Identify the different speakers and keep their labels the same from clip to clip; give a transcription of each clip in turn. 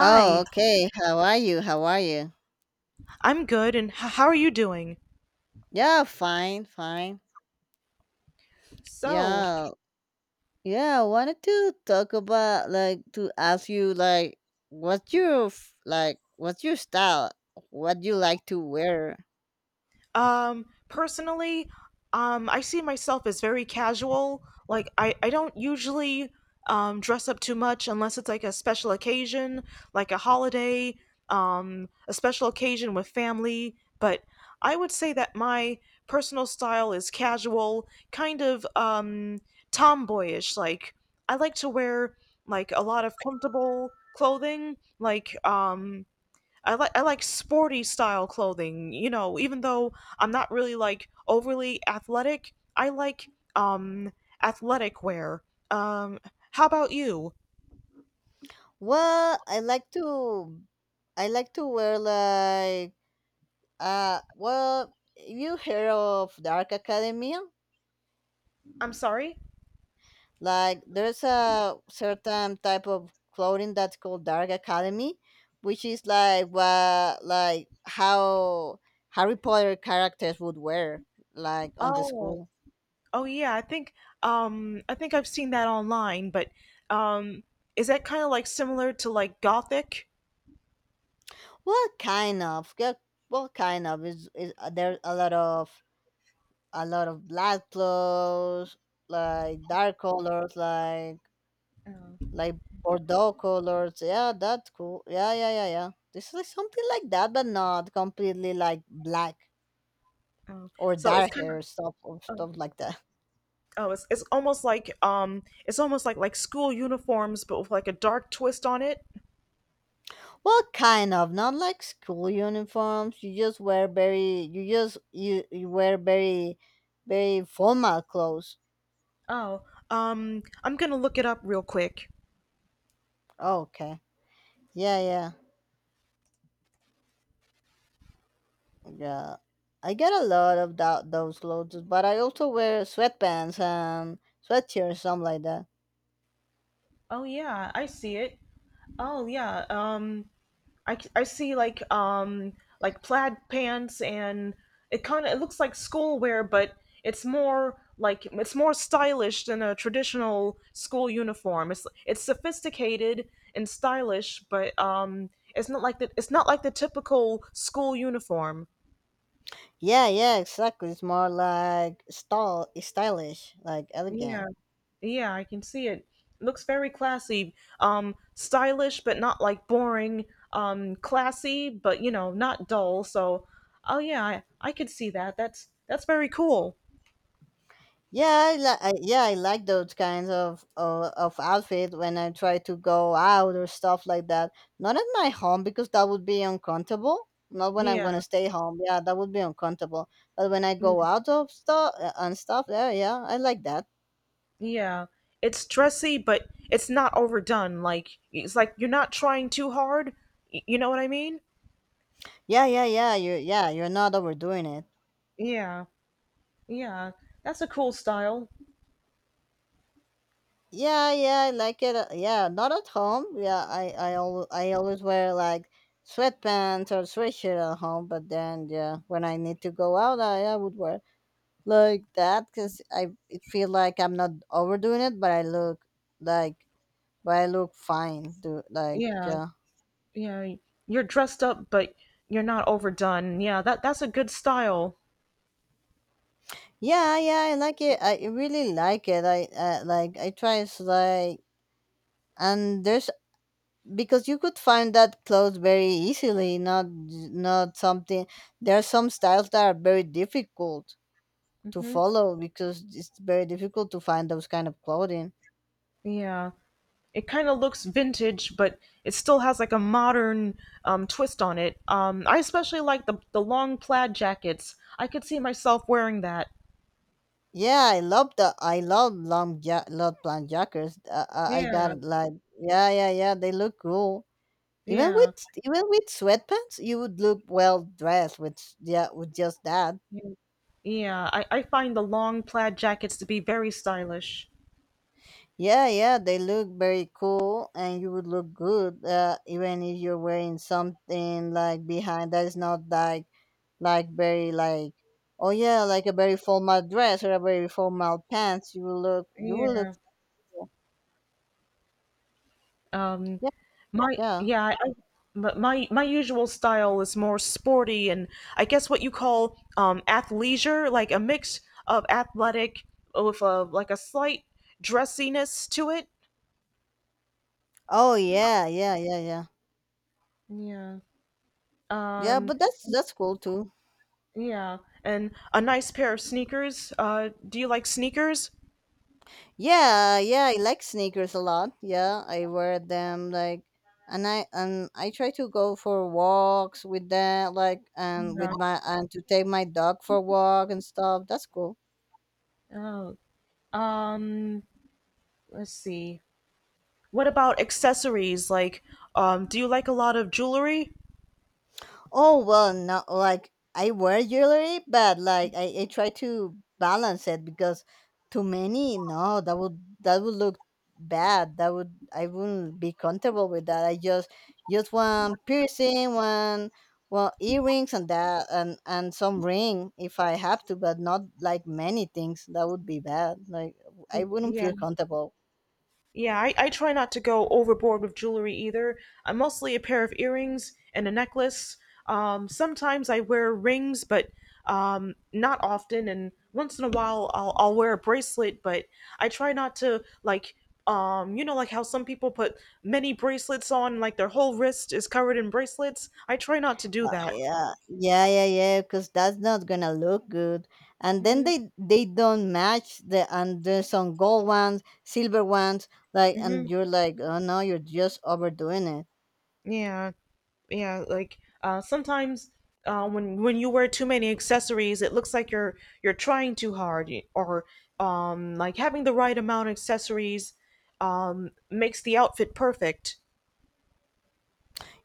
Speaker 1: Oh, okay. How are you?
Speaker 2: I'm good, and how are you doing?
Speaker 1: Yeah, fine, fine.
Speaker 2: So,
Speaker 1: Yeah, yeah. I wanted to talk about to ask you what's your like what's your style? What do you like to wear?
Speaker 2: personally, I see myself as very casual. Like, I don't usually dress up too much unless it's like a special occasion, like a holiday, a special occasion with family. But I would say that my personal style is casual, kind of tomboyish. Like, I like to wear like a lot of comfortable clothing, like I like sporty style clothing. You know, even though I'm not really like overly athletic, I like um athletic wear. Um, how about you?
Speaker 1: Well, I like to wear like well you heard of Dark Academia?
Speaker 2: I'm sorry.
Speaker 1: Like there's a certain type of clothing that's called Dark Academy, which is like what like how Harry Potter characters would wear like on the
Speaker 2: Oh,
Speaker 1: school.
Speaker 2: oh yeah. I think I've seen that online, but um, is that kind of like similar to like gothic?
Speaker 1: Well, kind of. Yeah, well, kind of is there's a lot of black clothes, like dark colors, like bordeaux colors. Yeah, that's cool. Yeah, yeah, yeah, yeah. This is like something like that, but not completely like black.
Speaker 2: Oh,
Speaker 1: Or
Speaker 2: so it's
Speaker 1: dark
Speaker 2: kind of
Speaker 1: hair stuff or
Speaker 2: oh,
Speaker 1: stuff like that.
Speaker 2: oh it's almost like it's almost like school uniforms, but with like a dark twist on it.
Speaker 1: Well, kind of, not like school uniforms. You just wear very, you just you wear very formal clothes.
Speaker 2: Oh, I'm gonna look it up real quick.
Speaker 1: Oh, okay, yeah, yeah, yeah. I get a lot of that, those clothes, but I also wear sweatpants and sweatshirts, something like that.
Speaker 2: Oh yeah, I see it. Oh yeah, I see like plaid pants and it kind of it looks like schoolwear, but it's more like it's more stylish than a traditional school uniform. It's sophisticated and stylish, but it's not like the it's not like the typical school uniform.
Speaker 1: Yeah, yeah, exactly. It's more like stylish, like
Speaker 2: Yeah.
Speaker 1: elegant.
Speaker 2: Yeah, I can see it. Looks very classy. Stylish but not like boring. Classy but you know, not dull. So, oh yeah, I could see that. That's very cool.
Speaker 1: Yeah, yeah, I like those kinds of outfit when I try to go out or stuff like that. Not at my home because that would be uncomfortable. Not when I'm
Speaker 2: Yeah.
Speaker 1: gonna stay home. Yeah, that would be uncomfortable. But when I
Speaker 2: Yeah.
Speaker 1: go out of stuff and stuff, yeah, yeah, I like that.
Speaker 2: Yeah. It's dressy but it's not overdone. Like it's like you're not trying too hard. You know what I mean?
Speaker 1: Yeah, yeah, yeah. Yeah, you're not overdoing it.
Speaker 2: Yeah. Yeah. That's a cool style.
Speaker 1: Yeah, yeah, I like it. Yeah, not at home. Yeah, I always wear like sweatpants or sweatshirt at home. But then, yeah, when I need to go out, I would wear like that because I it feel like I'm not overdoing it, but I look like but I look fine. Do like
Speaker 2: Yeah.
Speaker 1: yeah,
Speaker 2: Yeah. You're dressed up but you're not overdone. Yeah, that that's a good style.
Speaker 1: yeah, yeah. I like it. I really like it. I like I try it's like and there's Because you could find that clothes very easily. Not not something. There are some styles that are very difficult to
Speaker 2: Hmm.
Speaker 1: follow because it's very difficult to find those kind of clothing.
Speaker 2: Yeah. It kind of looks vintage, but it still has like a modern twist on it. I especially like the long plaid jackets. I could see myself wearing that.
Speaker 1: Yeah, I love long love plant jackers. I
Speaker 2: Yeah,
Speaker 1: got like yeah, yeah, yeah. They look cool.
Speaker 2: yeah,
Speaker 1: Even with sweatpants, you would look well dressed with yeah with just that.
Speaker 2: yeah. I find the long plaid jackets to be very stylish.
Speaker 1: Yeah, yeah. They look very cool, and you would look good. Even if you're wearing something like behind that is not like like very like oh yeah like a very formal dress or a very formal pants. You will look
Speaker 2: Yeah.
Speaker 1: cool.
Speaker 2: Um,
Speaker 1: Yeah,
Speaker 2: my
Speaker 1: yeah.
Speaker 2: yeah, I- But my usual style is more sporty and I guess what you call athleisure, like a mix of athletic with a like a slight dressiness to it.
Speaker 1: Oh yeah, yeah, yeah, yeah.
Speaker 2: Yeah.
Speaker 1: Yeah,
Speaker 2: Um,
Speaker 1: but that's cool too.
Speaker 2: yeah, and a nice pair of sneakers. Do you like sneakers?
Speaker 1: Yeah, yeah, I like sneakers a lot. Yeah, I wear them like and I try to go for walks with them like and with
Speaker 2: Yeah.
Speaker 1: my and to take my dog for a walk and stuff. That's cool.
Speaker 2: Oh. Um, let's see. What about accessories? Like, do you like a lot of jewelry?
Speaker 1: Oh well, not like I wear jewelry, but like I try to balance it because too many, no, that would look bad. That would I wouldn't be comfortable with that. I Just one piercing, one well earrings and that and some ring if I have to, but not like many things. That would be bad. Like I wouldn't
Speaker 2: Yeah.
Speaker 1: feel comfortable.
Speaker 2: Yeah, I try not to go overboard with jewelry either. I'm mostly a pair of earrings and a necklace. Sometimes I wear rings, but not often. And once in a while, I'll wear a bracelet, but I try not to, like, you know, like how some people put many bracelets on, like their whole wrist is covered in bracelets. I try not to do that.
Speaker 1: Yeah, yeah, yeah, yeah, because that's not gonna look good. And then
Speaker 2: Hmm.
Speaker 1: they don't match the and there's some gold ones, silver ones, like
Speaker 2: Hmm.
Speaker 1: and you're like, oh no, you're just overdoing it.
Speaker 2: Yeah. Yeah, like sometimes when you wear too many accessories, it looks like you're trying too hard, or like having the right amount of accessories makes the outfit perfect.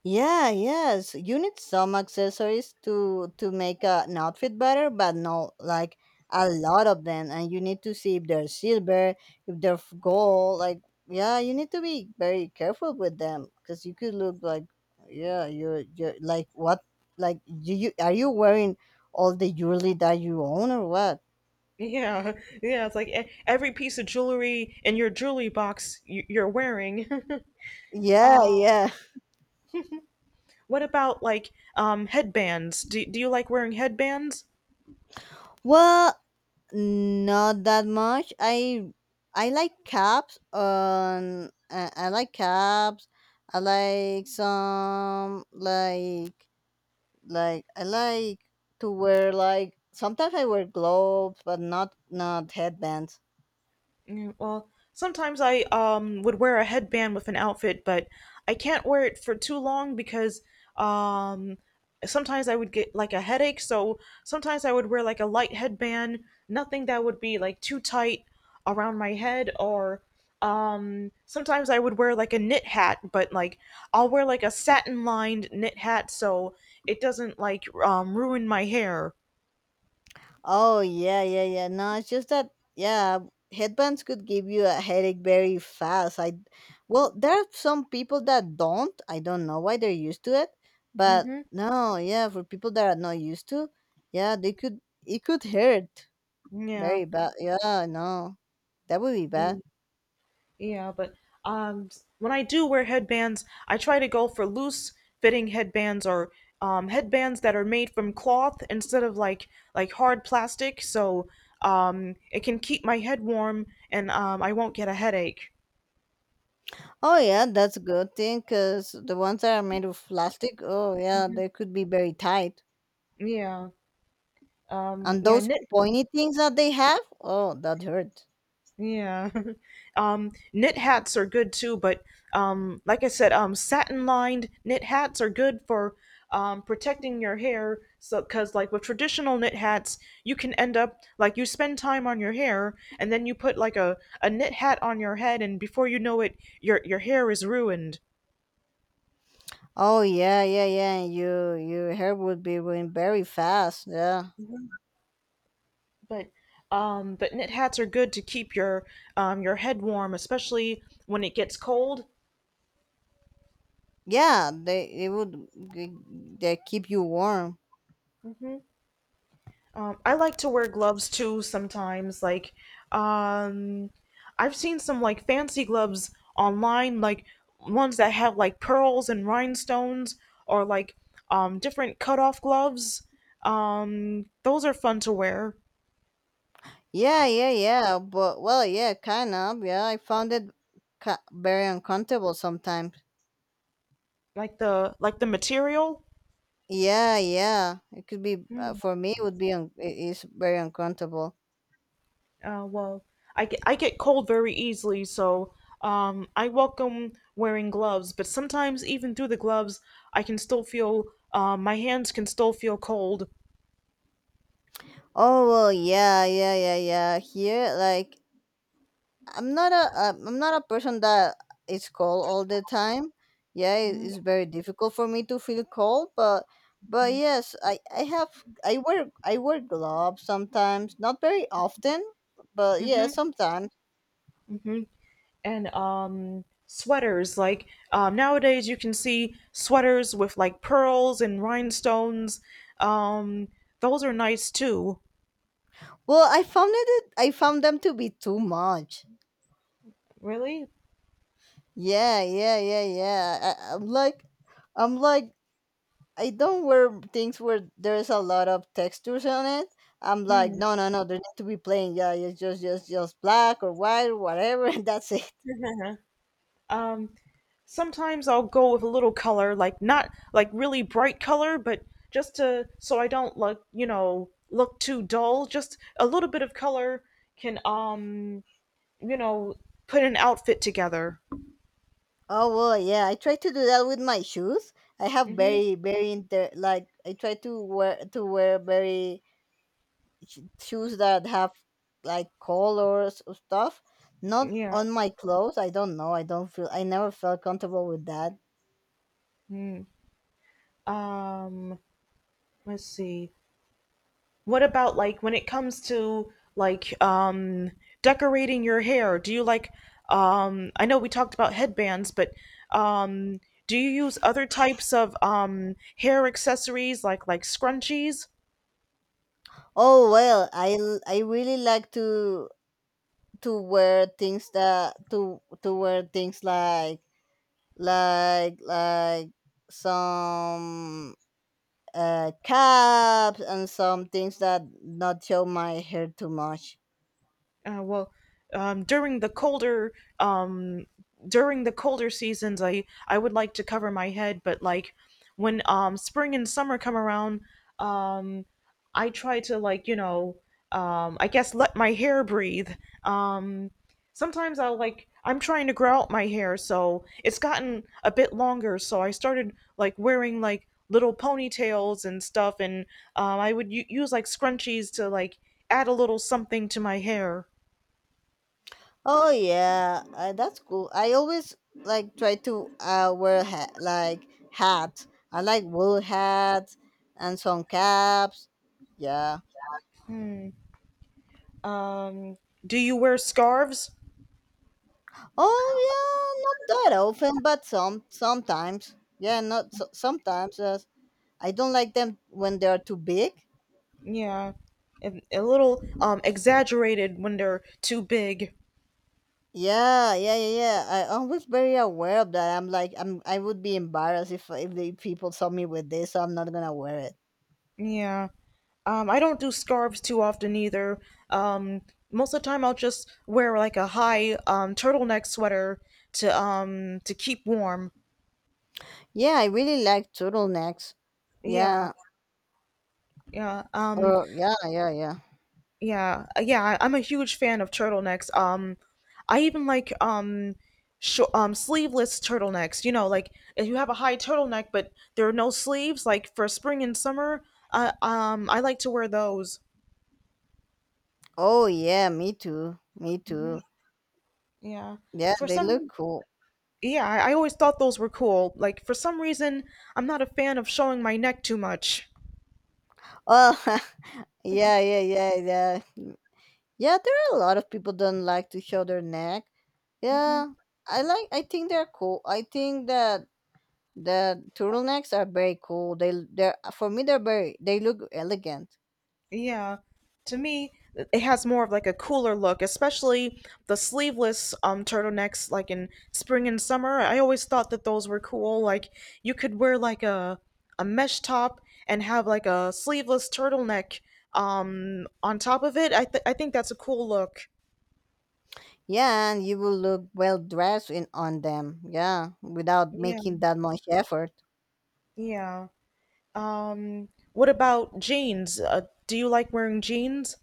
Speaker 1: Yeah, yes. You need some accessories to make an outfit better, but no, like a lot of them, and you need to see if they're silver, if they're gold. Like, yeah, you need to be very careful with them because you could look like, yeah, you're like what, like you are you wearing all the jewelry that you own or what?
Speaker 2: Yeah. Yeah, it's like every piece of jewelry in your jewelry box you're wearing.
Speaker 1: Yeah,
Speaker 2: uh
Speaker 1: yeah.
Speaker 2: what about like headbands, do you like wearing headbands?
Speaker 1: Well, not that much. I like caps. I like caps. I like some like I like to wear like sometimes I wear gloves, but not headbands.
Speaker 2: Yeah. Well, sometimes I would wear a headband with an outfit, but I can't wear it for too long because um sometimes I would get like a headache, so sometimes I would wear like a light headband, nothing that would be like too tight around my head. Or sometimes I would wear like a knit hat, but like I'll wear like a satin lined knit hat so it doesn't like ruin my hair.
Speaker 1: Oh yeah, yeah, yeah. No, it's just that yeah, headbands could give you a headache very fast. I well, there are some people that don't. I don't know why they're used to it, but
Speaker 2: Hmm.
Speaker 1: no, yeah, for people that are not used to, yeah, they could it could hurt
Speaker 2: Yeah.
Speaker 1: very bad. Yeah, no, that would be bad.
Speaker 2: Yeah, but um, when I do wear headbands, I try to go for loose fitting headbands or headbands that are made from cloth instead of like hard plastic, so it can keep my head warm and I won't get a headache.
Speaker 1: Oh yeah, that's a good thing because the ones that are made of plastic, oh yeah, they could be very tight,
Speaker 2: Yeah,
Speaker 1: and
Speaker 2: yeah,
Speaker 1: those
Speaker 2: knit.
Speaker 1: pointy things that they have, oh, that hurt.
Speaker 2: Yeah. Knit hats are good too, but like I said, satin-lined knit hats are good for protecting your hair. So, because like with traditional knit hats, you can end up like you spend time on your hair, and then you put like a knit hat on your head, and before you know it, your hair is ruined.
Speaker 1: Oh yeah, yeah, yeah. and Your hair would be growing very fast. Yeah,
Speaker 2: But but knit hats are good to keep your head warm, especially when it gets cold.
Speaker 1: yeah. They they keep you warm.
Speaker 2: I like to wear gloves too sometimes. Like, um, I've seen some like fancy gloves online, like ones that have like pearls and rhinestones, or like different cut-off gloves. Those are fun to wear.
Speaker 1: Yeah, yeah, yeah. But well, yeah, kind of. Yeah, I found it very uncomfortable sometimes.
Speaker 2: Like the material.
Speaker 1: Yeah, yeah. It could be
Speaker 2: Hmm,
Speaker 1: for me. It would be it is very uncomfortable.
Speaker 2: well, I get cold very easily, so I welcome wearing gloves. But sometimes, even through the gloves, I can still feel my hands can still feel cold.
Speaker 1: Oh well, yeah, yeah, yeah, yeah. Here, like I'm not a person that is cold all the time. Yeah, it's very difficult for me to feel cold, but yes, I have I wear gloves sometimes, not very often, but yeah,
Speaker 2: Hmm.
Speaker 1: sometimes.
Speaker 2: Hmm. And sweaters like nowadays you can see sweaters with like pearls and rhinestones. Um, those are nice too.
Speaker 1: Well, I found them to be too much.
Speaker 2: Really?
Speaker 1: Yeah, yeah, yeah, yeah. I, I'm like I'm like I don't wear things where there's a lot of textures on it. I'm like,
Speaker 2: Hmm.
Speaker 1: no, no, no, they need to be plain. Yeah, it's just black or white or whatever, and that's it.
Speaker 2: Uh-huh. Um, Sometimes I'll go with a little color, like not like really bright color, but just to so I don't look, you know, look too dull. Just a little bit of color can you know, put an outfit together.
Speaker 1: Oh well, yeah. I try to do that with my shoes. I have
Speaker 2: Hmm.
Speaker 1: very, very inter like I try to wear very shoes that have like colors or stuff. Not
Speaker 2: Yeah.
Speaker 1: on my clothes. I don't know. I don't feel. I never felt comfortable with that.
Speaker 2: Mm. Um. Let's see. What about like when it comes to like decorating your hair? Do you like I know we talked about headbands, but um do you use other types of hair accessories like scrunchies?
Speaker 1: Oh well, I really like to wear things that to wear things like like like some caps and some things that not show my hair too much.
Speaker 2: Well, during the colder um, seasons, I would like to cover my head, but like when spring and summer come around, um, I try to like you know I guess let my hair breathe. um, Sometimes I'll like I'm trying to grow out my hair, so it's gotten a bit longer, so I started like wearing like little ponytails and stuff, and I would use like scrunchies to like add a little something to my hair.
Speaker 1: Oh yeah, that's cool. I always like try to wear like hats. I like wool hats and some caps. Yeah.
Speaker 2: Um, do you wear scarves?
Speaker 1: Oh yeah, not that often but sometimes yeah not so, sometimes yes. I don't like them when they are too big.
Speaker 2: Yeah. A little exaggerated when they're too big.
Speaker 1: Yeah, yeah, yeah, yeah. I always very aware of that. I'm like, I would be embarrassed if the people saw me with this, so I'm not gonna wear it.
Speaker 2: Yeah. I don't do scarves too often either. Um, Most of the time I'll just wear like a high turtleneck sweater to keep warm.
Speaker 1: Yeah, I really like turtlenecks.
Speaker 2: Yeah.
Speaker 1: Yeah.
Speaker 2: Yeah.
Speaker 1: Oh, yeah, yeah, yeah.
Speaker 2: Yeah, I'm a huge fan of turtlenecks. I even like sleeveless turtlenecks. You know, like if you have a high turtleneck but there are no sleeves, like for spring and summer. I like to wear those.
Speaker 1: Oh, yeah. Me too. Me
Speaker 2: Hmm.
Speaker 1: too.
Speaker 2: Yeah.
Speaker 1: Yeah,
Speaker 2: Uh, for
Speaker 1: they
Speaker 2: some,
Speaker 1: look
Speaker 2: re-
Speaker 1: cool.
Speaker 2: yeah, I always thought those were cool. Like for some reason, I'm not a fan of showing my neck too much.
Speaker 1: Oh, yeah, yeah, yeah, yeah. Yeah, there are a lot of people don't like to show their neck. Yeah,
Speaker 2: Hmm.
Speaker 1: I like. I think they're cool. I think that the turtlenecks are very cool. They're for me they're very they look elegant.
Speaker 2: Yeah. To me, it has more of like a cooler look, especially the sleeveless turtlenecks like in spring and summer. I always thought that those were cool. Like you could wear like a mesh top and have like a sleeveless turtleneck on top of it. I think that's a cool look.
Speaker 1: Yeah, and you will look well dressed in on them. Yeah, without
Speaker 2: Yeah.
Speaker 1: making that much effort.
Speaker 2: Yeah. Um, what about jeans? Do you like wearing jeans?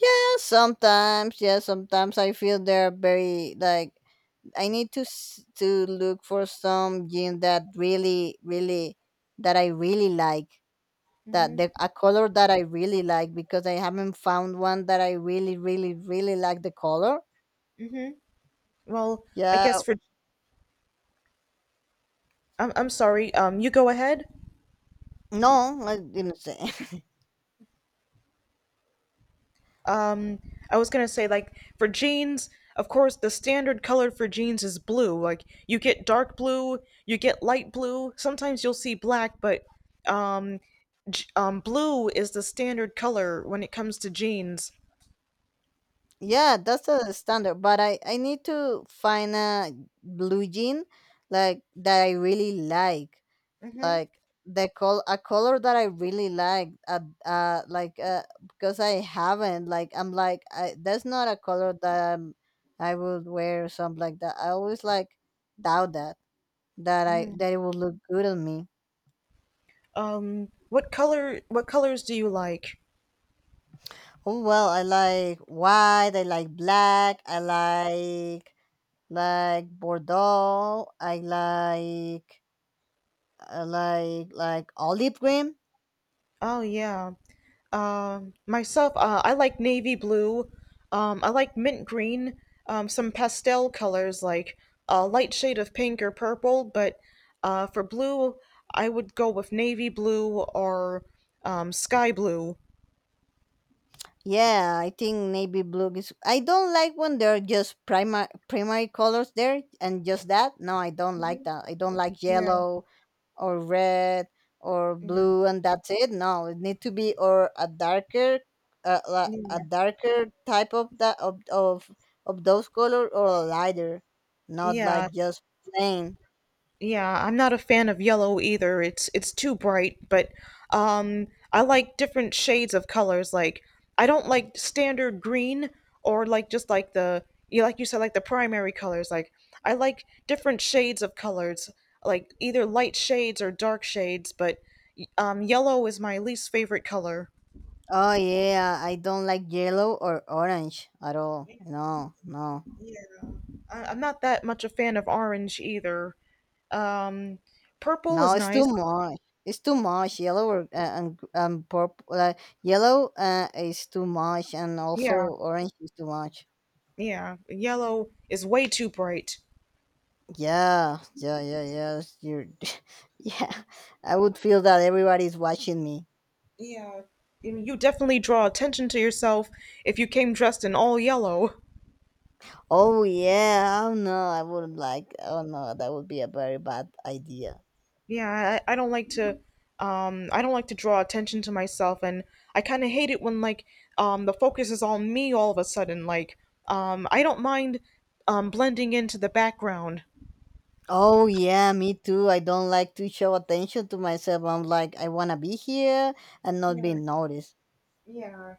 Speaker 1: Yeah, sometimes. Yeah, sometimes I feel they're very like I need to to look for some jean that really that I really like that the
Speaker 2: Hmm.
Speaker 1: a color that I really like because I haven't found one that I really like the color.
Speaker 2: Well, I
Speaker 1: Yeah,
Speaker 2: guess for I'm sorry. You go ahead.
Speaker 1: no, I didn't say.
Speaker 2: Um, I was gonna say like for jeans, of course, the standard color for jeans is blue. Like you get dark blue, you get light blue. Sometimes you'll see black, but um, blue is the standard color when it comes to jeans.
Speaker 1: Yeah, that's the standard. But I need to find a blue jean like that I really
Speaker 2: Hmm.
Speaker 1: like the col a color that I really like. Because I haven't like I'm like I that's not a color that I would wear or something like that. I always like doubt that I that it will look good on me.
Speaker 2: What color? What colors do you like?
Speaker 1: Oh well, I like white. I like black. I like Bordeaux. I like like olive green.
Speaker 2: Oh yeah. Myself, I like navy blue. I like mint green. Some pastel colors like a light shade of pink or purple. But for blue, I would go with navy blue or sky blue.
Speaker 1: Yeah, I think navy blue is. I don't like when they're just primary colors there and just that. No, I don't like that. I don't like
Speaker 2: Yeah.
Speaker 1: yellow or red or
Speaker 2: Mm,
Speaker 1: blue and that's it. No, it need to be or a darker, a
Speaker 2: yeah.
Speaker 1: darker type of that of those color or a lighter, not
Speaker 2: Yeah.
Speaker 1: like just plain.
Speaker 2: Yeah, I'm not a fan of yellow either. It's too bright, but um I like different shades of colors. Like I don't like standard green or like just like the you like you said like the primary colors. Like I like different shades of colors, like either light shades or dark shades, but yellow is my least favorite color.
Speaker 1: Oh yeah, I don't like yellow or orange at all. No, no.
Speaker 2: Yeah. I'm not that much a fan of orange either. Um Purple
Speaker 1: No,
Speaker 2: is
Speaker 1: it's
Speaker 2: nice.
Speaker 1: too much. It's too much. Yellow or, and purple. Yellow is too much, and also
Speaker 2: Yeah,
Speaker 1: orange is too much.
Speaker 2: yeah. Yellow is way too bright.
Speaker 1: Yeah, yeah, yeah, yeah. Yeah. I would feel that everybody's watching me.
Speaker 2: Yeah, I mean, you definitely draw attention to yourself if you came dressed in all yellow.
Speaker 1: Oh yeah. Oh no, I wouldn't like. Oh no, that would be a very bad idea.
Speaker 2: Yeah, I don't like to I don't like to draw attention to myself, and I kind of hate it when like the focus is on me all of a sudden, like I don't mind blending into the background.
Speaker 1: Oh yeah, me too. I don't like to show attention to myself. I'm like, I wanna be here and not
Speaker 2: Yeah,
Speaker 1: be noticed.
Speaker 2: yeah.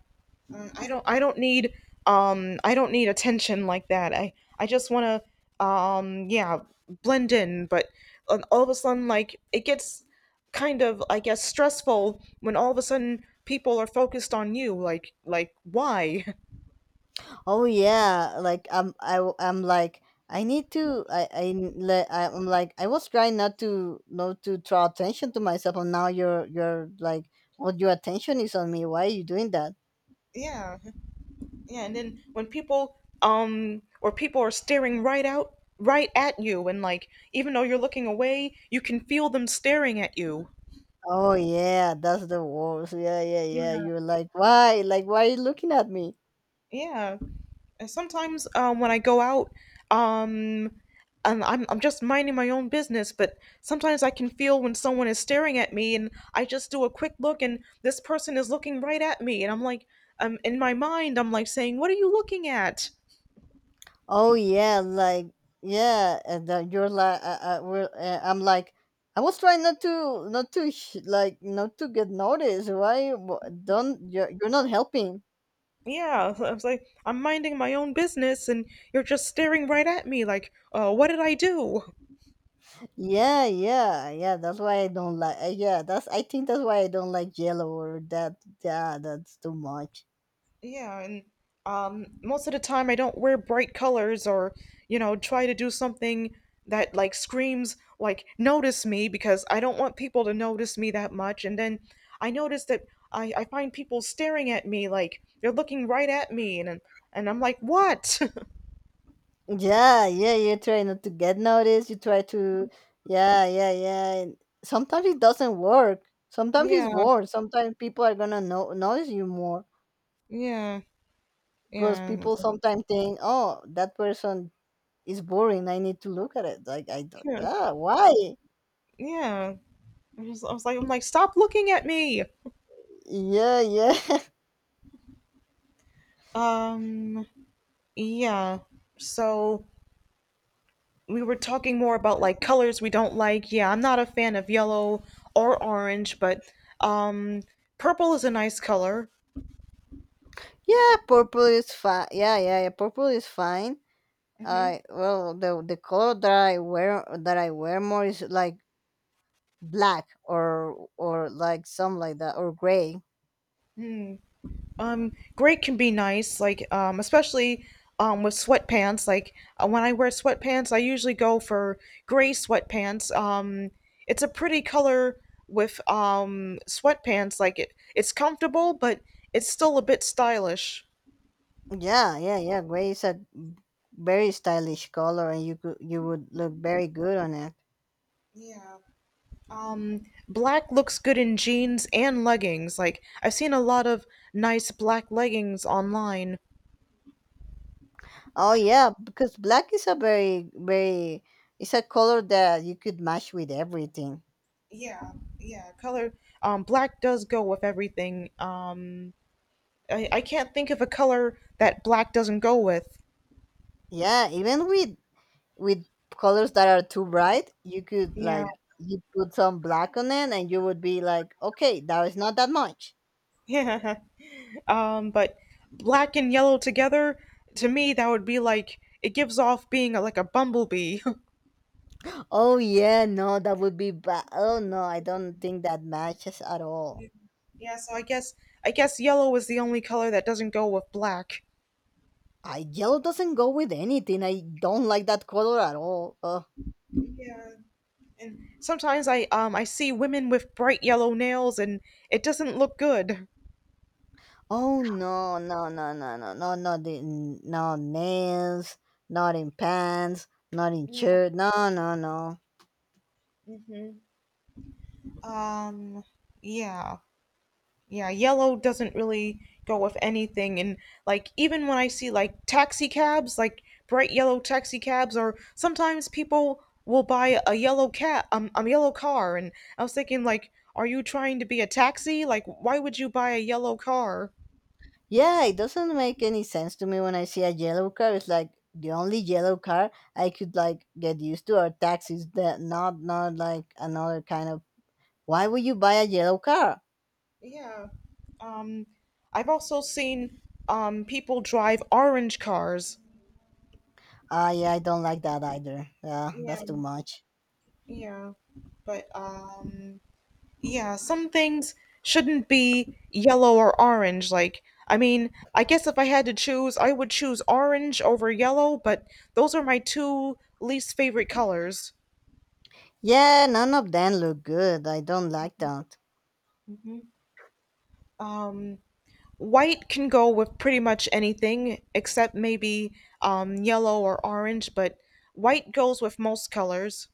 Speaker 2: Mm, I don't need attention like that. I just want to yeah, blend in, but all of a sudden like it gets kind of, I guess, stressful when all of a sudden people are focused on you like why?
Speaker 1: Oh yeah, like I'm like I need to I'm like I was trying not to draw attention to myself and now you're like well your attention is on me. Why are you doing that?
Speaker 2: Yeah. Yeah, and then when people or people are staring right out right at you and like even though you're looking away, you can feel them staring at you.
Speaker 1: Oh yeah, that's the worst. Yeah, yeah, yeah.
Speaker 2: Yeah.
Speaker 1: You're like why? Like why are you looking at me?
Speaker 2: Yeah. And sometimes when I go out, um, and I'm just minding my own business, but sometimes I can feel when someone is staring at me, and I just do a quick look, and this person is looking right at me, and I'm like, in my mind, I'm like saying, "What are you looking at?"
Speaker 1: Oh yeah, like yeah, and then you're like I'm like I was trying not to like not to get noticed. Why don't you're not helping?
Speaker 2: Yeah, I was like, I'm minding my own business, and you're just staring right at me, like, what did I do?
Speaker 1: Yeah, yeah, yeah. That's why I don't like. Yeah, that's. I think that's why I don't like yellow or that. Yeah, that's too much.
Speaker 2: Yeah, and most of the time I don't wear bright colors or, try to do something that like screams like notice me because I don't want people to notice me that much. And then I notice that I find people staring at me like they're looking right at me and I'm like, "What?"
Speaker 1: Yeah, yeah. You try not to get noticed. You try to. Yeah, yeah, yeah. And sometimes it doesn't work. Sometimes it's
Speaker 2: Yeah,
Speaker 1: worse. Sometimes people are gonna know notice you more.
Speaker 2: yeah,
Speaker 1: Because
Speaker 2: yeah.
Speaker 1: people
Speaker 2: It's like,
Speaker 1: sometimes think, oh, that person is boring. I need to look at it. Like I don't.
Speaker 2: yeah.
Speaker 1: Yeah, why?
Speaker 2: Yeah. I was like I'm like, "Stop looking at me."
Speaker 1: Yeah, yeah,
Speaker 2: Um, yeah. So we were talking more about like colors we don't like. Yeah, I'm not a fan of yellow or orange, but um, purple is a nice color.
Speaker 1: yeah. Purple is fine. Yeah, yeah, yeah. Purple is fine.
Speaker 2: Hmm.
Speaker 1: I well the color that I wear more is like black or like some like that or gray.
Speaker 2: Gray can be nice, like especially with sweatpants. Like when I wear sweatpants, I usually go for gray sweatpants. It's a pretty color with sweatpants. It's comfortable, but it's still a bit stylish.
Speaker 1: Yeah, yeah, yeah. Gray is a very stylish color, and you would look very good on it.
Speaker 2: Um, black looks good in jeans and leggings. Like, I've seen a lot of nice black leggings online.
Speaker 1: Oh yeah, because black is a very it's a color that you could match with everything.
Speaker 2: Yeah, yeah, color. Black does go with everything. I can't think of a color that black doesn't go with.
Speaker 1: Yeah, even with colors that are too bright, you could
Speaker 2: Yeah,
Speaker 1: like you put some black on it, and you would be like, okay, that is not that much.
Speaker 2: yeah. But black and yellow together, to me, that would be like it gives off being a, like a bumblebee.
Speaker 1: Oh yeah, no, that would be bad. Oh no, I don't think that matches at all.
Speaker 2: Yeah, so I guess yellow is the only color that doesn't go with black.
Speaker 1: I yellow doesn't go with anything. I don't like that color at all. Ugh.
Speaker 2: Yeah. And sometimes I see women with bright yellow nails and it doesn't look good.
Speaker 1: Oh no, no, no, no, no, no, not in, no nails, not in pants, not in
Speaker 2: Yeah.
Speaker 1: shirt. No, no, no.
Speaker 2: Hmm. Um yeah. Yeah, yellow doesn't really go with anything and like even when I see like taxi cabs, like bright yellow taxi cabs or sometimes people will buy a yellow cat a yellow car and I was thinking like are you trying to be a taxi? Like why would you buy a yellow car?
Speaker 1: Yeah, it doesn't make any sense to me when I see a yellow car. It's like the only yellow car I could like get used to are taxis. That not not like another kind of. Why would you buy a yellow car?
Speaker 2: Yeah. Um, I've also seen people drive orange cars.
Speaker 1: Ah, yeah, I don't like that either. Yeah, that's
Speaker 2: Yeah,
Speaker 1: too much.
Speaker 2: yeah. But yeah, some things shouldn't be yellow or orange. Like, I mean, I guess if I had to choose, I would choose orange over yellow, but those are my two least favorite colors.
Speaker 1: Yeah, none of them look good. I don't like that.
Speaker 2: Mhm. Um, white can go with pretty much anything except maybe yellow or orange, but white goes with most colors.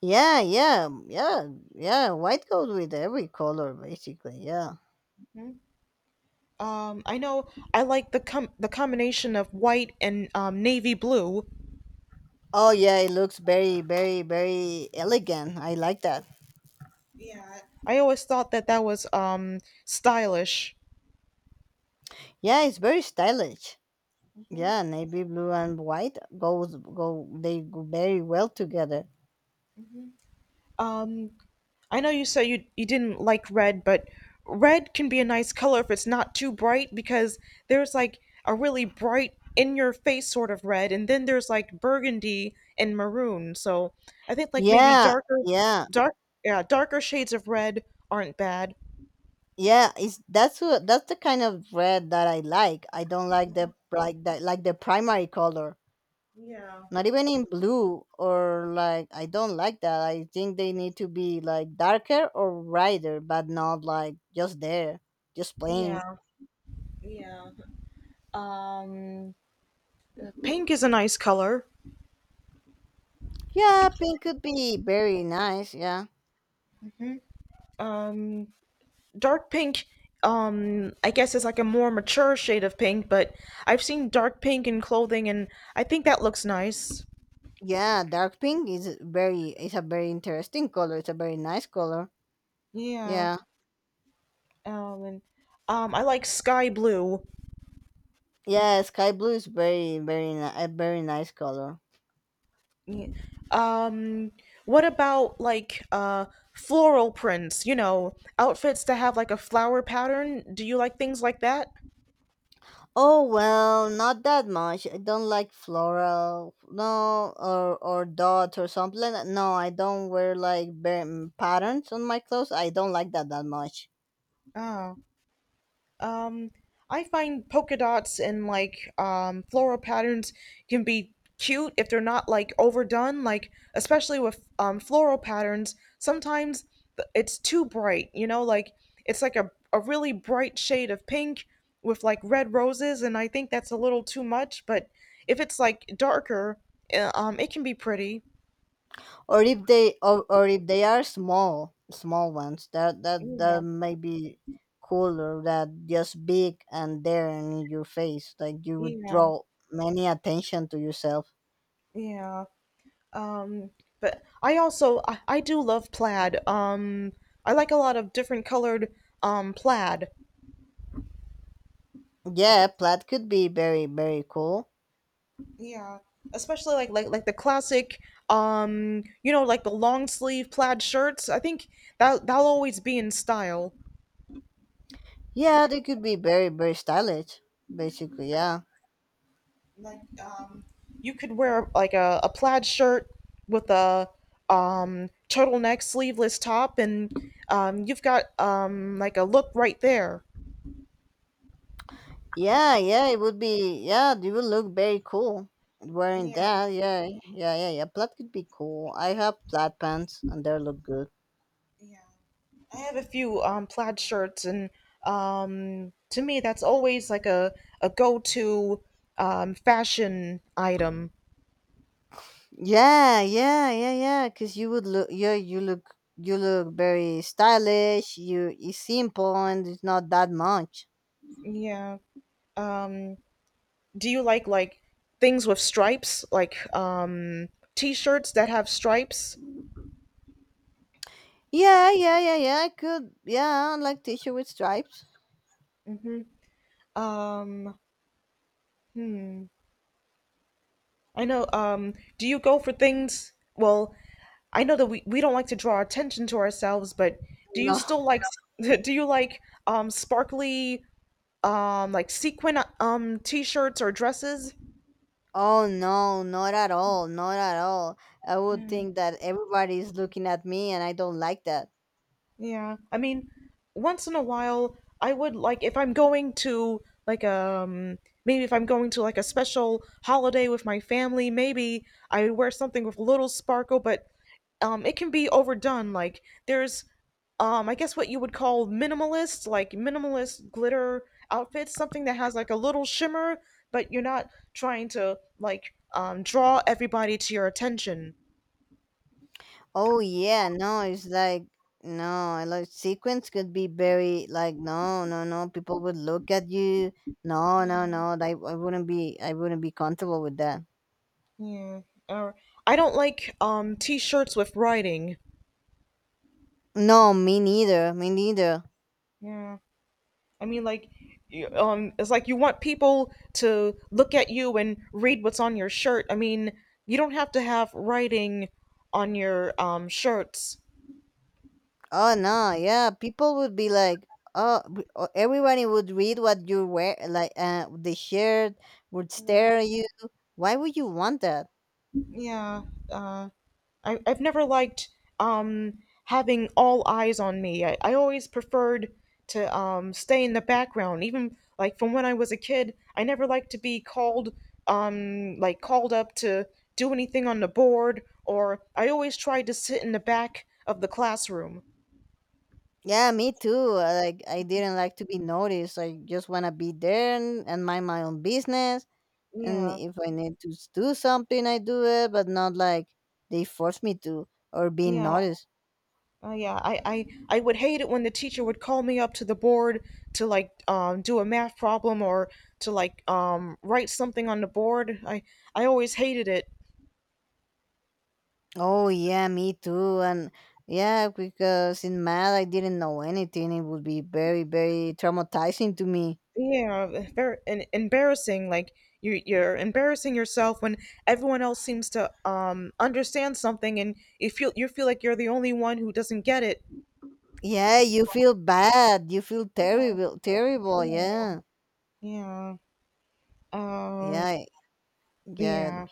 Speaker 1: Yeah, yeah, yeah, yeah. White goes with every color, basically. Yeah.
Speaker 2: I know I like the combination of white and navy blue.
Speaker 1: Oh, yeah, it looks very, very, very elegant. I like that.
Speaker 2: I always thought that that was stylish.
Speaker 1: Yeah, it's very stylish. Yeah, navy blue and white goes go. They go very well together.
Speaker 2: Um, I know you said you didn't like red, but red can be a nice color if it's not too bright because there's like a really bright in your face sort of red, and then there's like burgundy and maroon. So I think like maybe
Speaker 1: Yeah,
Speaker 2: darker,
Speaker 1: yeah,
Speaker 2: dark yeah, darker shades of red aren't bad.
Speaker 1: yeah. It's that's what that's the kind of red that I like. I don't like the like that like the primary color.
Speaker 2: Yeah,
Speaker 1: Not even in blue or like I don't like that. I think they need to be like darker or brighter but not like just there just plain.
Speaker 2: yeah, yeah. Um, pink is a nice color.
Speaker 1: Yeah, pink could be very nice. Yeah,
Speaker 2: Um, dark pink, I guess is like a more mature shade of pink, but I've seen dark pink in clothing, and I think that looks nice.
Speaker 1: yeah, dark pink is very it's a very interesting color. It's a very nice color.
Speaker 2: Yeah.
Speaker 1: Yeah,
Speaker 2: And I like sky blue.
Speaker 1: yeah, sky blue is a very nice color.
Speaker 2: Yeah. Um, what about like floral prints? You know, outfits that have like a flower pattern. Do you like things like that?
Speaker 1: Oh well, not that much. I don't like floral, no, or dots or something. No, I don't wear like patterns on my clothes. I don't like that that much.
Speaker 2: Oh. Um, I find polka dots and like floral patterns can be cute if they're not like overdone. Like especially with floral patterns, sometimes it's too bright. You know, like it's like a really bright shade of pink with like red roses, and I think that's a little too much. But if it's like darker, it can be pretty.
Speaker 1: Or if they are small, small ones, that that
Speaker 2: Yeah,
Speaker 1: may be cooler. That just big and there and in your face, like you would
Speaker 2: yeah,
Speaker 1: draw many attention to yourself.
Speaker 2: yeah. Um, but I also I do love plaid. I like a lot of different colored plaid.
Speaker 1: Yeah, plaid could be very cool.
Speaker 2: Yeah, especially like like the classic you know like the long sleeve plaid shirts. I think that that'll always be in style.
Speaker 1: Yeah, they could be very stylish. Basically, yeah.
Speaker 2: Like you could wear like a plaid shirt with a turtleneck sleeveless top, and you've got like a look right there.
Speaker 1: Yeah, yeah, it would be. Yeah, it would look very cool wearing
Speaker 2: Yeah,
Speaker 1: that. Yeah, yeah, yeah, yeah. Plaid could be cool. I have plaid pants, and they look good.
Speaker 2: yeah. I have a few plaid shirts, and to me, that's always like a go to fashion item.
Speaker 1: Yeah, yeah, yeah, yeah. Cause you would look. Yeah, you look. You look very stylish. You it's simple and it's not that much.
Speaker 2: Yeah. Um, do you like things with stripes, like t-shirts that have stripes?
Speaker 1: Yeah, yeah, yeah, yeah. I could. Yeah, I like t-shirt with stripes.
Speaker 2: Um, I know. Do you go for things? Well, I know that we don't like to draw attention to ourselves, but do you
Speaker 1: No.
Speaker 2: still like do you like sparkly like sequin t-shirts or dresses?
Speaker 1: Oh no, not at all. Not at all. I would think that everybody is looking at me, and I don't like that.
Speaker 2: Yeah, I mean, once in a while I would like if I'm going to like maybe if I'm going to like a special holiday with my family maybe I would wear something with a little sparkle, but it can be overdone. Like there's I guess what you would call minimalist, like minimalist glitter outfits, something that has like a little shimmer, but you're not trying to like draw everybody to your attention.
Speaker 1: Oh yeah, no, it's like no, like sequence could be very like no, no, no. People would look at you. No, no, no. I wouldn't be I wouldn't be comfortable with that.
Speaker 2: Yeah. Or I don't like t-shirts with writing.
Speaker 1: No, me neither. Me neither.
Speaker 2: Yeah. I mean like it's like you want people to look at you and read what's on your shirt. I mean, you don't have to have writing on your shirts.
Speaker 1: Oh no, yeah. People would be like, oh, oh, everybody would read what you wear, like the shirt would stare at you. Why would you want that?
Speaker 2: Yeah. Uh I've never liked um, having all eyes on me. I always preferred to stay in the background. Even like from when I was a kid, I never liked to be called like called up to do anything on the board, or I always tried to sit in the back of the classroom.
Speaker 1: Yeah, me too. Like I didn't like to be noticed. I just wanna be there and mind my own business and
Speaker 2: Yeah,
Speaker 1: if I need to do something, I do it, but not like they force me to or being
Speaker 2: yeah,
Speaker 1: noticed.
Speaker 2: yeah. I would hate it when the teacher would call me up to the board to like do a math problem or to like write something on the board. I always hated it.
Speaker 1: Oh yeah, me too, and yeah, because in math I didn't know anything. It would be very, very traumatizing to me.
Speaker 2: Yeah, very and embarrassing. Like you're embarrassing yourself when everyone else seems to understand something, and you feel like you're the only one who doesn't get it.
Speaker 1: Yeah, you feel bad. You feel
Speaker 2: Yeah,
Speaker 1: terrible, terrible.
Speaker 2: yeah,
Speaker 1: Yeah,
Speaker 2: yeah. Uh,
Speaker 1: yeah, yeah.
Speaker 2: yeah.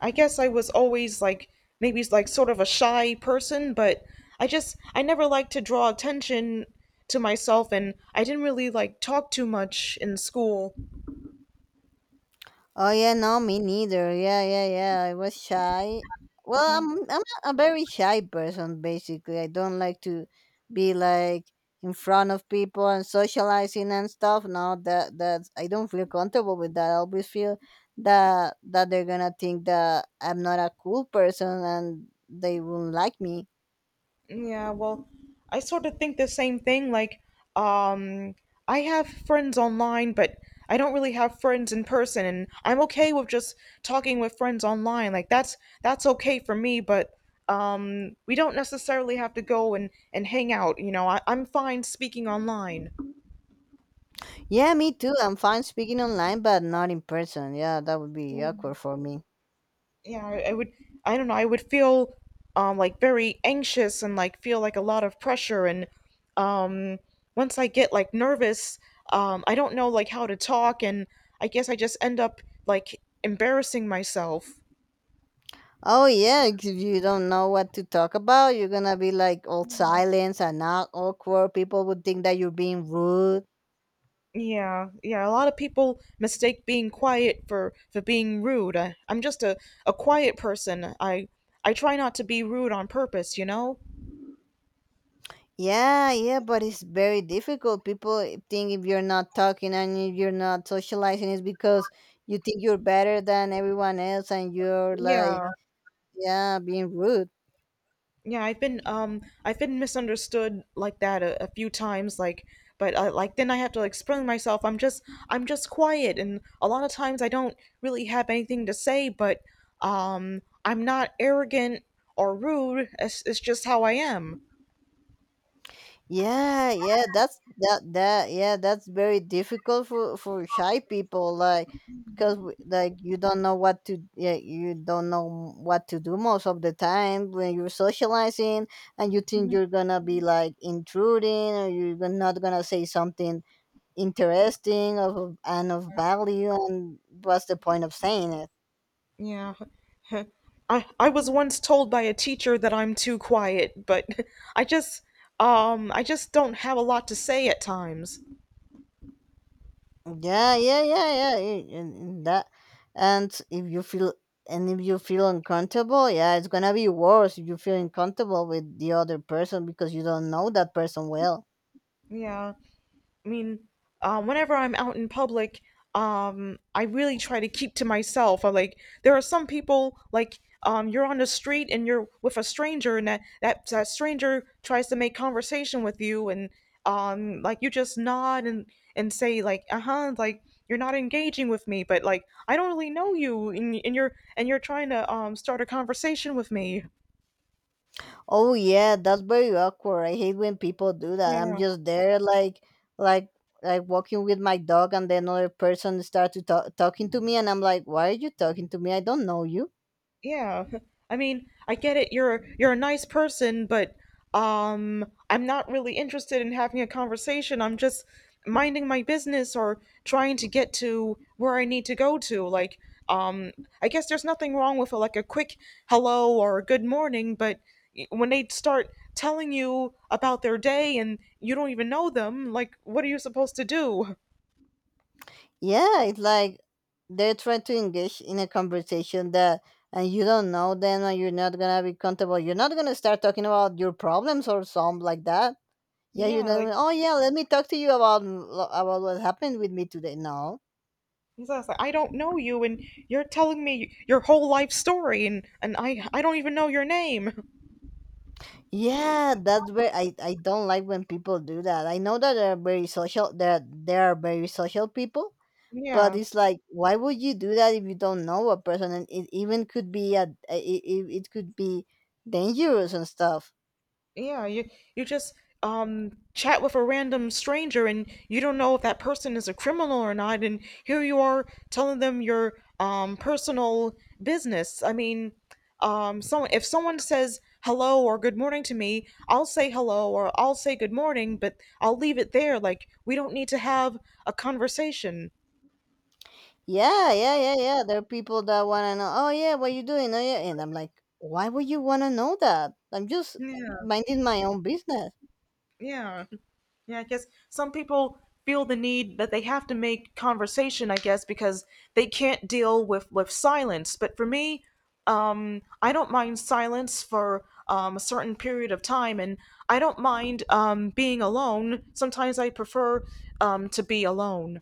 Speaker 2: I guess I was always like maybe like sort of a shy person, but I never liked to draw attention to myself, and I didn't really like talk too much in school.
Speaker 1: Oh yeah, no, me neither. Yeah, yeah, yeah. I was shy. Well, I'm a very shy person basically. I don't like to be like in front of people and socializing and stuff. No, that that I don't feel comfortable with that. I always feel that that they're gonna think that I'm not a cool person and they won't like me.
Speaker 2: Yeah, well, I sort of think the same thing. Like, um, I have friends online, but I don't really have friends in person, and I'm okay with just talking with friends online. Like, that's okay for me, but we don't necessarily have to go and hang out. You know, I'm fine speaking online.
Speaker 1: Yeah, me too. I'm fine speaking online, but not in person. Yeah, that would be awkward for me.
Speaker 2: Yeah, I would, I don't know, I would feel like very anxious and like feel like a lot of pressure and um once I get like nervous, I don't know like how to talk, and I guess I just end up like embarrassing myself.
Speaker 1: Oh yeah, 'cause if you don't know what to talk about, you're gonna be like all silence and not awkward. People would think that you're being rude.
Speaker 2: Yeah, yeah, a lot of people mistake being quiet for being rude. I, I'm just a quiet person. I try not to be rude on purpose, you know.
Speaker 1: Yeah, yeah, but it's very difficult. People think if you're not talking and if you're not socializing, it's because you think you're better than everyone else and you're like,
Speaker 2: Yeah.
Speaker 1: yeah, being rude.
Speaker 2: Yeah, I've been misunderstood like that a few times, like but like then I have to like explain myself. I'm just quiet, and a lot of times I don't really have anything to say, but I'm not arrogant or rude. It's just how I am.
Speaker 1: Yeah, yeah, that's that that yeah, that's very difficult for shy people like because like you don't know what to yeah, you don't know what to do most of the time when you're socializing and you think you're gonna be like intruding or you're not gonna say something interesting of and of value and what's the point of saying it?
Speaker 2: Yeah. I was once told by a teacher that I'm too quiet, but I just I just don't have a lot to say at times.
Speaker 1: Yeah, yeah, yeah, yeah. Yeah, and that, and if you feel and if you feel uncomfortable, yeah, it's gonna be worse if you feel uncomfortable with the other person because you don't know that person well.
Speaker 2: Yeah. I mean, whenever I'm out in public, I really try to keep to myself. I like there are some people like you're on the street and you're with a stranger, and that stranger tries to make conversation with you, and like you just nod and say like, uh huh, like you're not engaging with me, but like I don't really know you, and, and you're trying to start a conversation with me.
Speaker 1: Oh yeah, that's very awkward. I hate when people do that. I'm
Speaker 2: Yeah.
Speaker 1: just there, like, like walking with my dog, and then another person start to talking to me, and I'm like, why are you talking to me? I don't know you.
Speaker 2: Yeah. I mean, I get it. You're a nice person, but I'm not really interested in having a conversation. I'm just minding my business or trying to get to where I need to go to. Like um I guess there's nothing wrong with a, like a quick hello or a good morning, but when they start telling you about their day and you don't even know them, like what are you supposed to do?
Speaker 1: Yeah, it's like they're trying to engage in a conversation that and you don't know them and you're not gonna be comfortable. You're not gonna start talking about your problems or something like that. Yeah, you're
Speaker 2: Yeah,
Speaker 1: not gonna,
Speaker 2: like,
Speaker 1: oh yeah, let me talk to you about what happened with me today. No.
Speaker 2: he's like, I don't know you, and you're telling me your whole life story, and I don't even know your name.
Speaker 1: Yeah, that's where I don't like when people do that. I know that they're very social that they are very social people, but
Speaker 2: Yeah,
Speaker 1: it's like why would you do that if you don't know a person and it even could be a it could be dangerous and stuff.
Speaker 2: yeah. You just chat with a random stranger, and you don't know if that person is a criminal or not, and here you are telling them your personal business. I mean, so if someone says hello or good morning to me, I'll say hello or I'll say good morning, but I'll leave it there. Like, we don't need to have a conversation.
Speaker 1: Yeah, yeah, yeah, yeah. There are people that want to know, oh, yeah, what you doing? Oh, yeah. And I'm like, why would you want to know that? I'm just
Speaker 2: Yeah,
Speaker 1: minding my own business.
Speaker 2: yeah. Yeah, I guess some people feel the need that they have to make conversation, I guess, because they can't deal with silence. But for me, I don't mind silence for a certain period of time, and I don't mind being alone. Sometimes I prefer to be alone.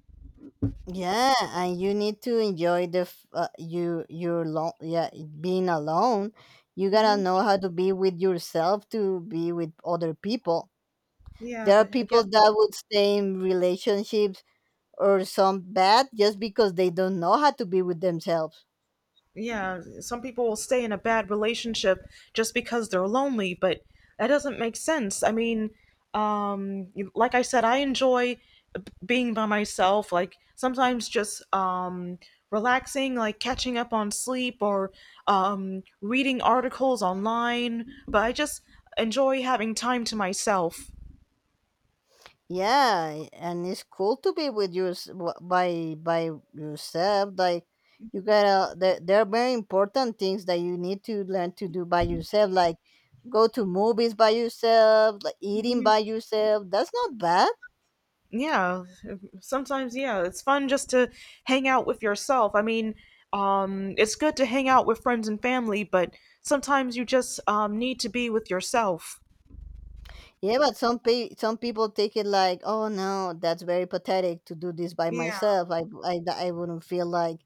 Speaker 1: Yeah, and you need to enjoy the you your long yeah being alone. You gotta know how to be with yourself to be with other people.
Speaker 2: Yeah,
Speaker 1: There are
Speaker 2: but I
Speaker 1: people
Speaker 2: guess,
Speaker 1: that would stay in relationships or some bad just because they don't know how to be with themselves.
Speaker 2: yeah, some people will stay in a bad relationship just because they're lonely, but that doesn't make sense. I mean, like I said, I enjoy being by myself, like sometimes just relaxing, like catching up on sleep or reading articles online, but I just enjoy having time to myself.
Speaker 1: Yeah, and it's cool to be with you by yourself like you gotta there, there are very important things that you need to learn to do by yourself like go to movies by yourself like eating by yourself. That's not bad.
Speaker 2: Yeah. Sometimes, yeah, it's fun just to hang out with yourself. I mean, it's good to hang out with friends and family, but sometimes you just need to be with yourself.
Speaker 1: Yeah, but some people take it like, oh no, that's very pathetic to do this by
Speaker 2: Yeah.
Speaker 1: myself. I wouldn't feel like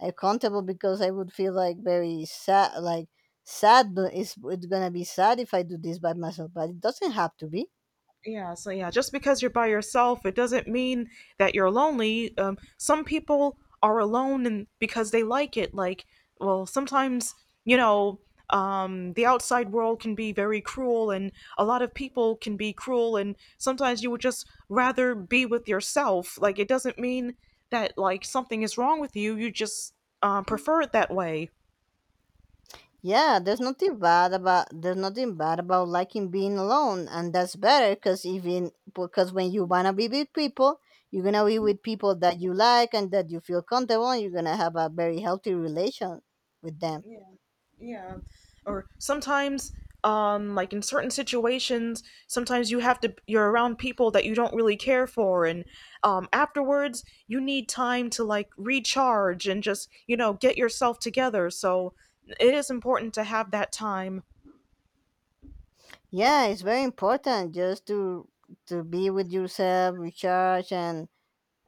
Speaker 1: accountable because I would feel like very sad, like sad. But it's gonna be sad if I do this by myself. But it doesn't have to be.
Speaker 2: Yeah, so, yeah, just because you're by yourself, it doesn't mean that you're lonely. Some people are alone and because they like it. Like, well, sometimes, you know, the outside world can be very cruel, and a lot of people can be cruel, and sometimes you would just rather be with yourself. Like, it doesn't mean that like something is wrong with you. You just prefer it that way.
Speaker 1: Yeah, there's nothing bad about there's nothing bad about liking being alone, and that's better because even because when you wanna be with people, you're gonna be with people that you like and that you feel comfortable, and you're gonna have a very healthy relation with them.
Speaker 2: Yeah, yeah. Or sometimes, like in certain situations, sometimes you have to, you're around people that you don't really care for, and afterwards, you need time to like recharge and just, get yourself together. So it is important to have that time.
Speaker 1: Yeah, it's very important just to be with yourself recharge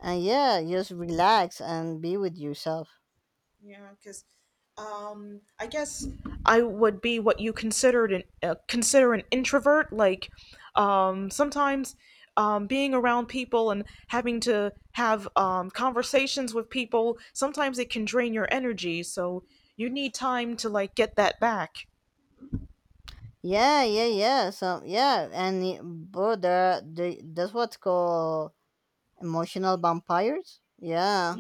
Speaker 1: and yeah just relax and be with yourself.
Speaker 2: Yeah, because I guess I would be what you considered an consider an introvert. Like, sometimes being around people and having to have conversations with people, sometimes it can drain your energy. So you need time to like get that back.
Speaker 1: Yeah yeah yeah so yeah and bro there are that's what's called emotional vampires. Yeah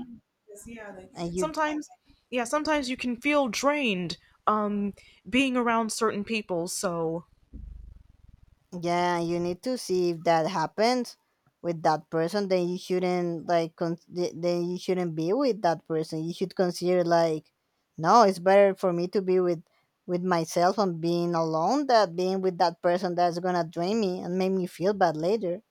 Speaker 2: 'Cause, yeah, like,
Speaker 1: and you
Speaker 2: sometimes, yeah, sometimes you can feel drained, um, being around certain people. So.
Speaker 1: yeah, you need to see if that happens with that person. Then you shouldn't like then you shouldn't be with that person. You should consider like, no, it's better for me to be with myself and being alone than being with that person that's gonna drain me and make me feel bad later.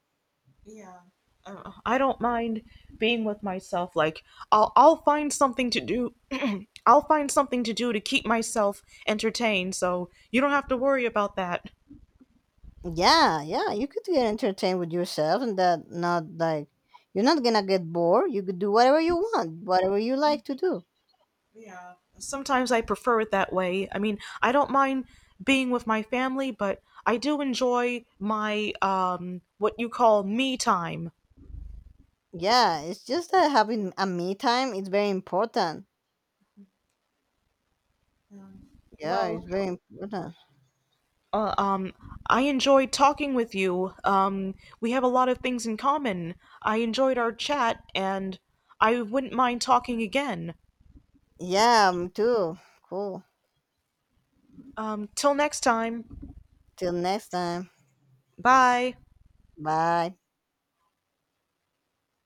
Speaker 2: Yeah. I don't mind being with myself. Like, I'll find something to do. I'll find something to do to keep myself entertained, so you don't have to worry about that.
Speaker 1: Yeah, yeah, you could get entertained with yourself and that not like you're not gonna get bored. You could do whatever you want, whatever you like to do.
Speaker 2: Yeah. Sometimes I prefer it that way. I mean, I don't mind being with my family, but I do enjoy my, what you call, me time.
Speaker 1: Yeah, it's just that having a me time is very important. Yeah, it's
Speaker 2: Well,
Speaker 1: very important.
Speaker 2: Uh, um, I enjoyed talking with you. We have a lot of things in common. I enjoyed our chat, and I wouldn't mind talking again.
Speaker 1: Yeah, me too. Cool.
Speaker 2: Till next time.
Speaker 1: Till next time.
Speaker 2: Bye.
Speaker 1: Bye.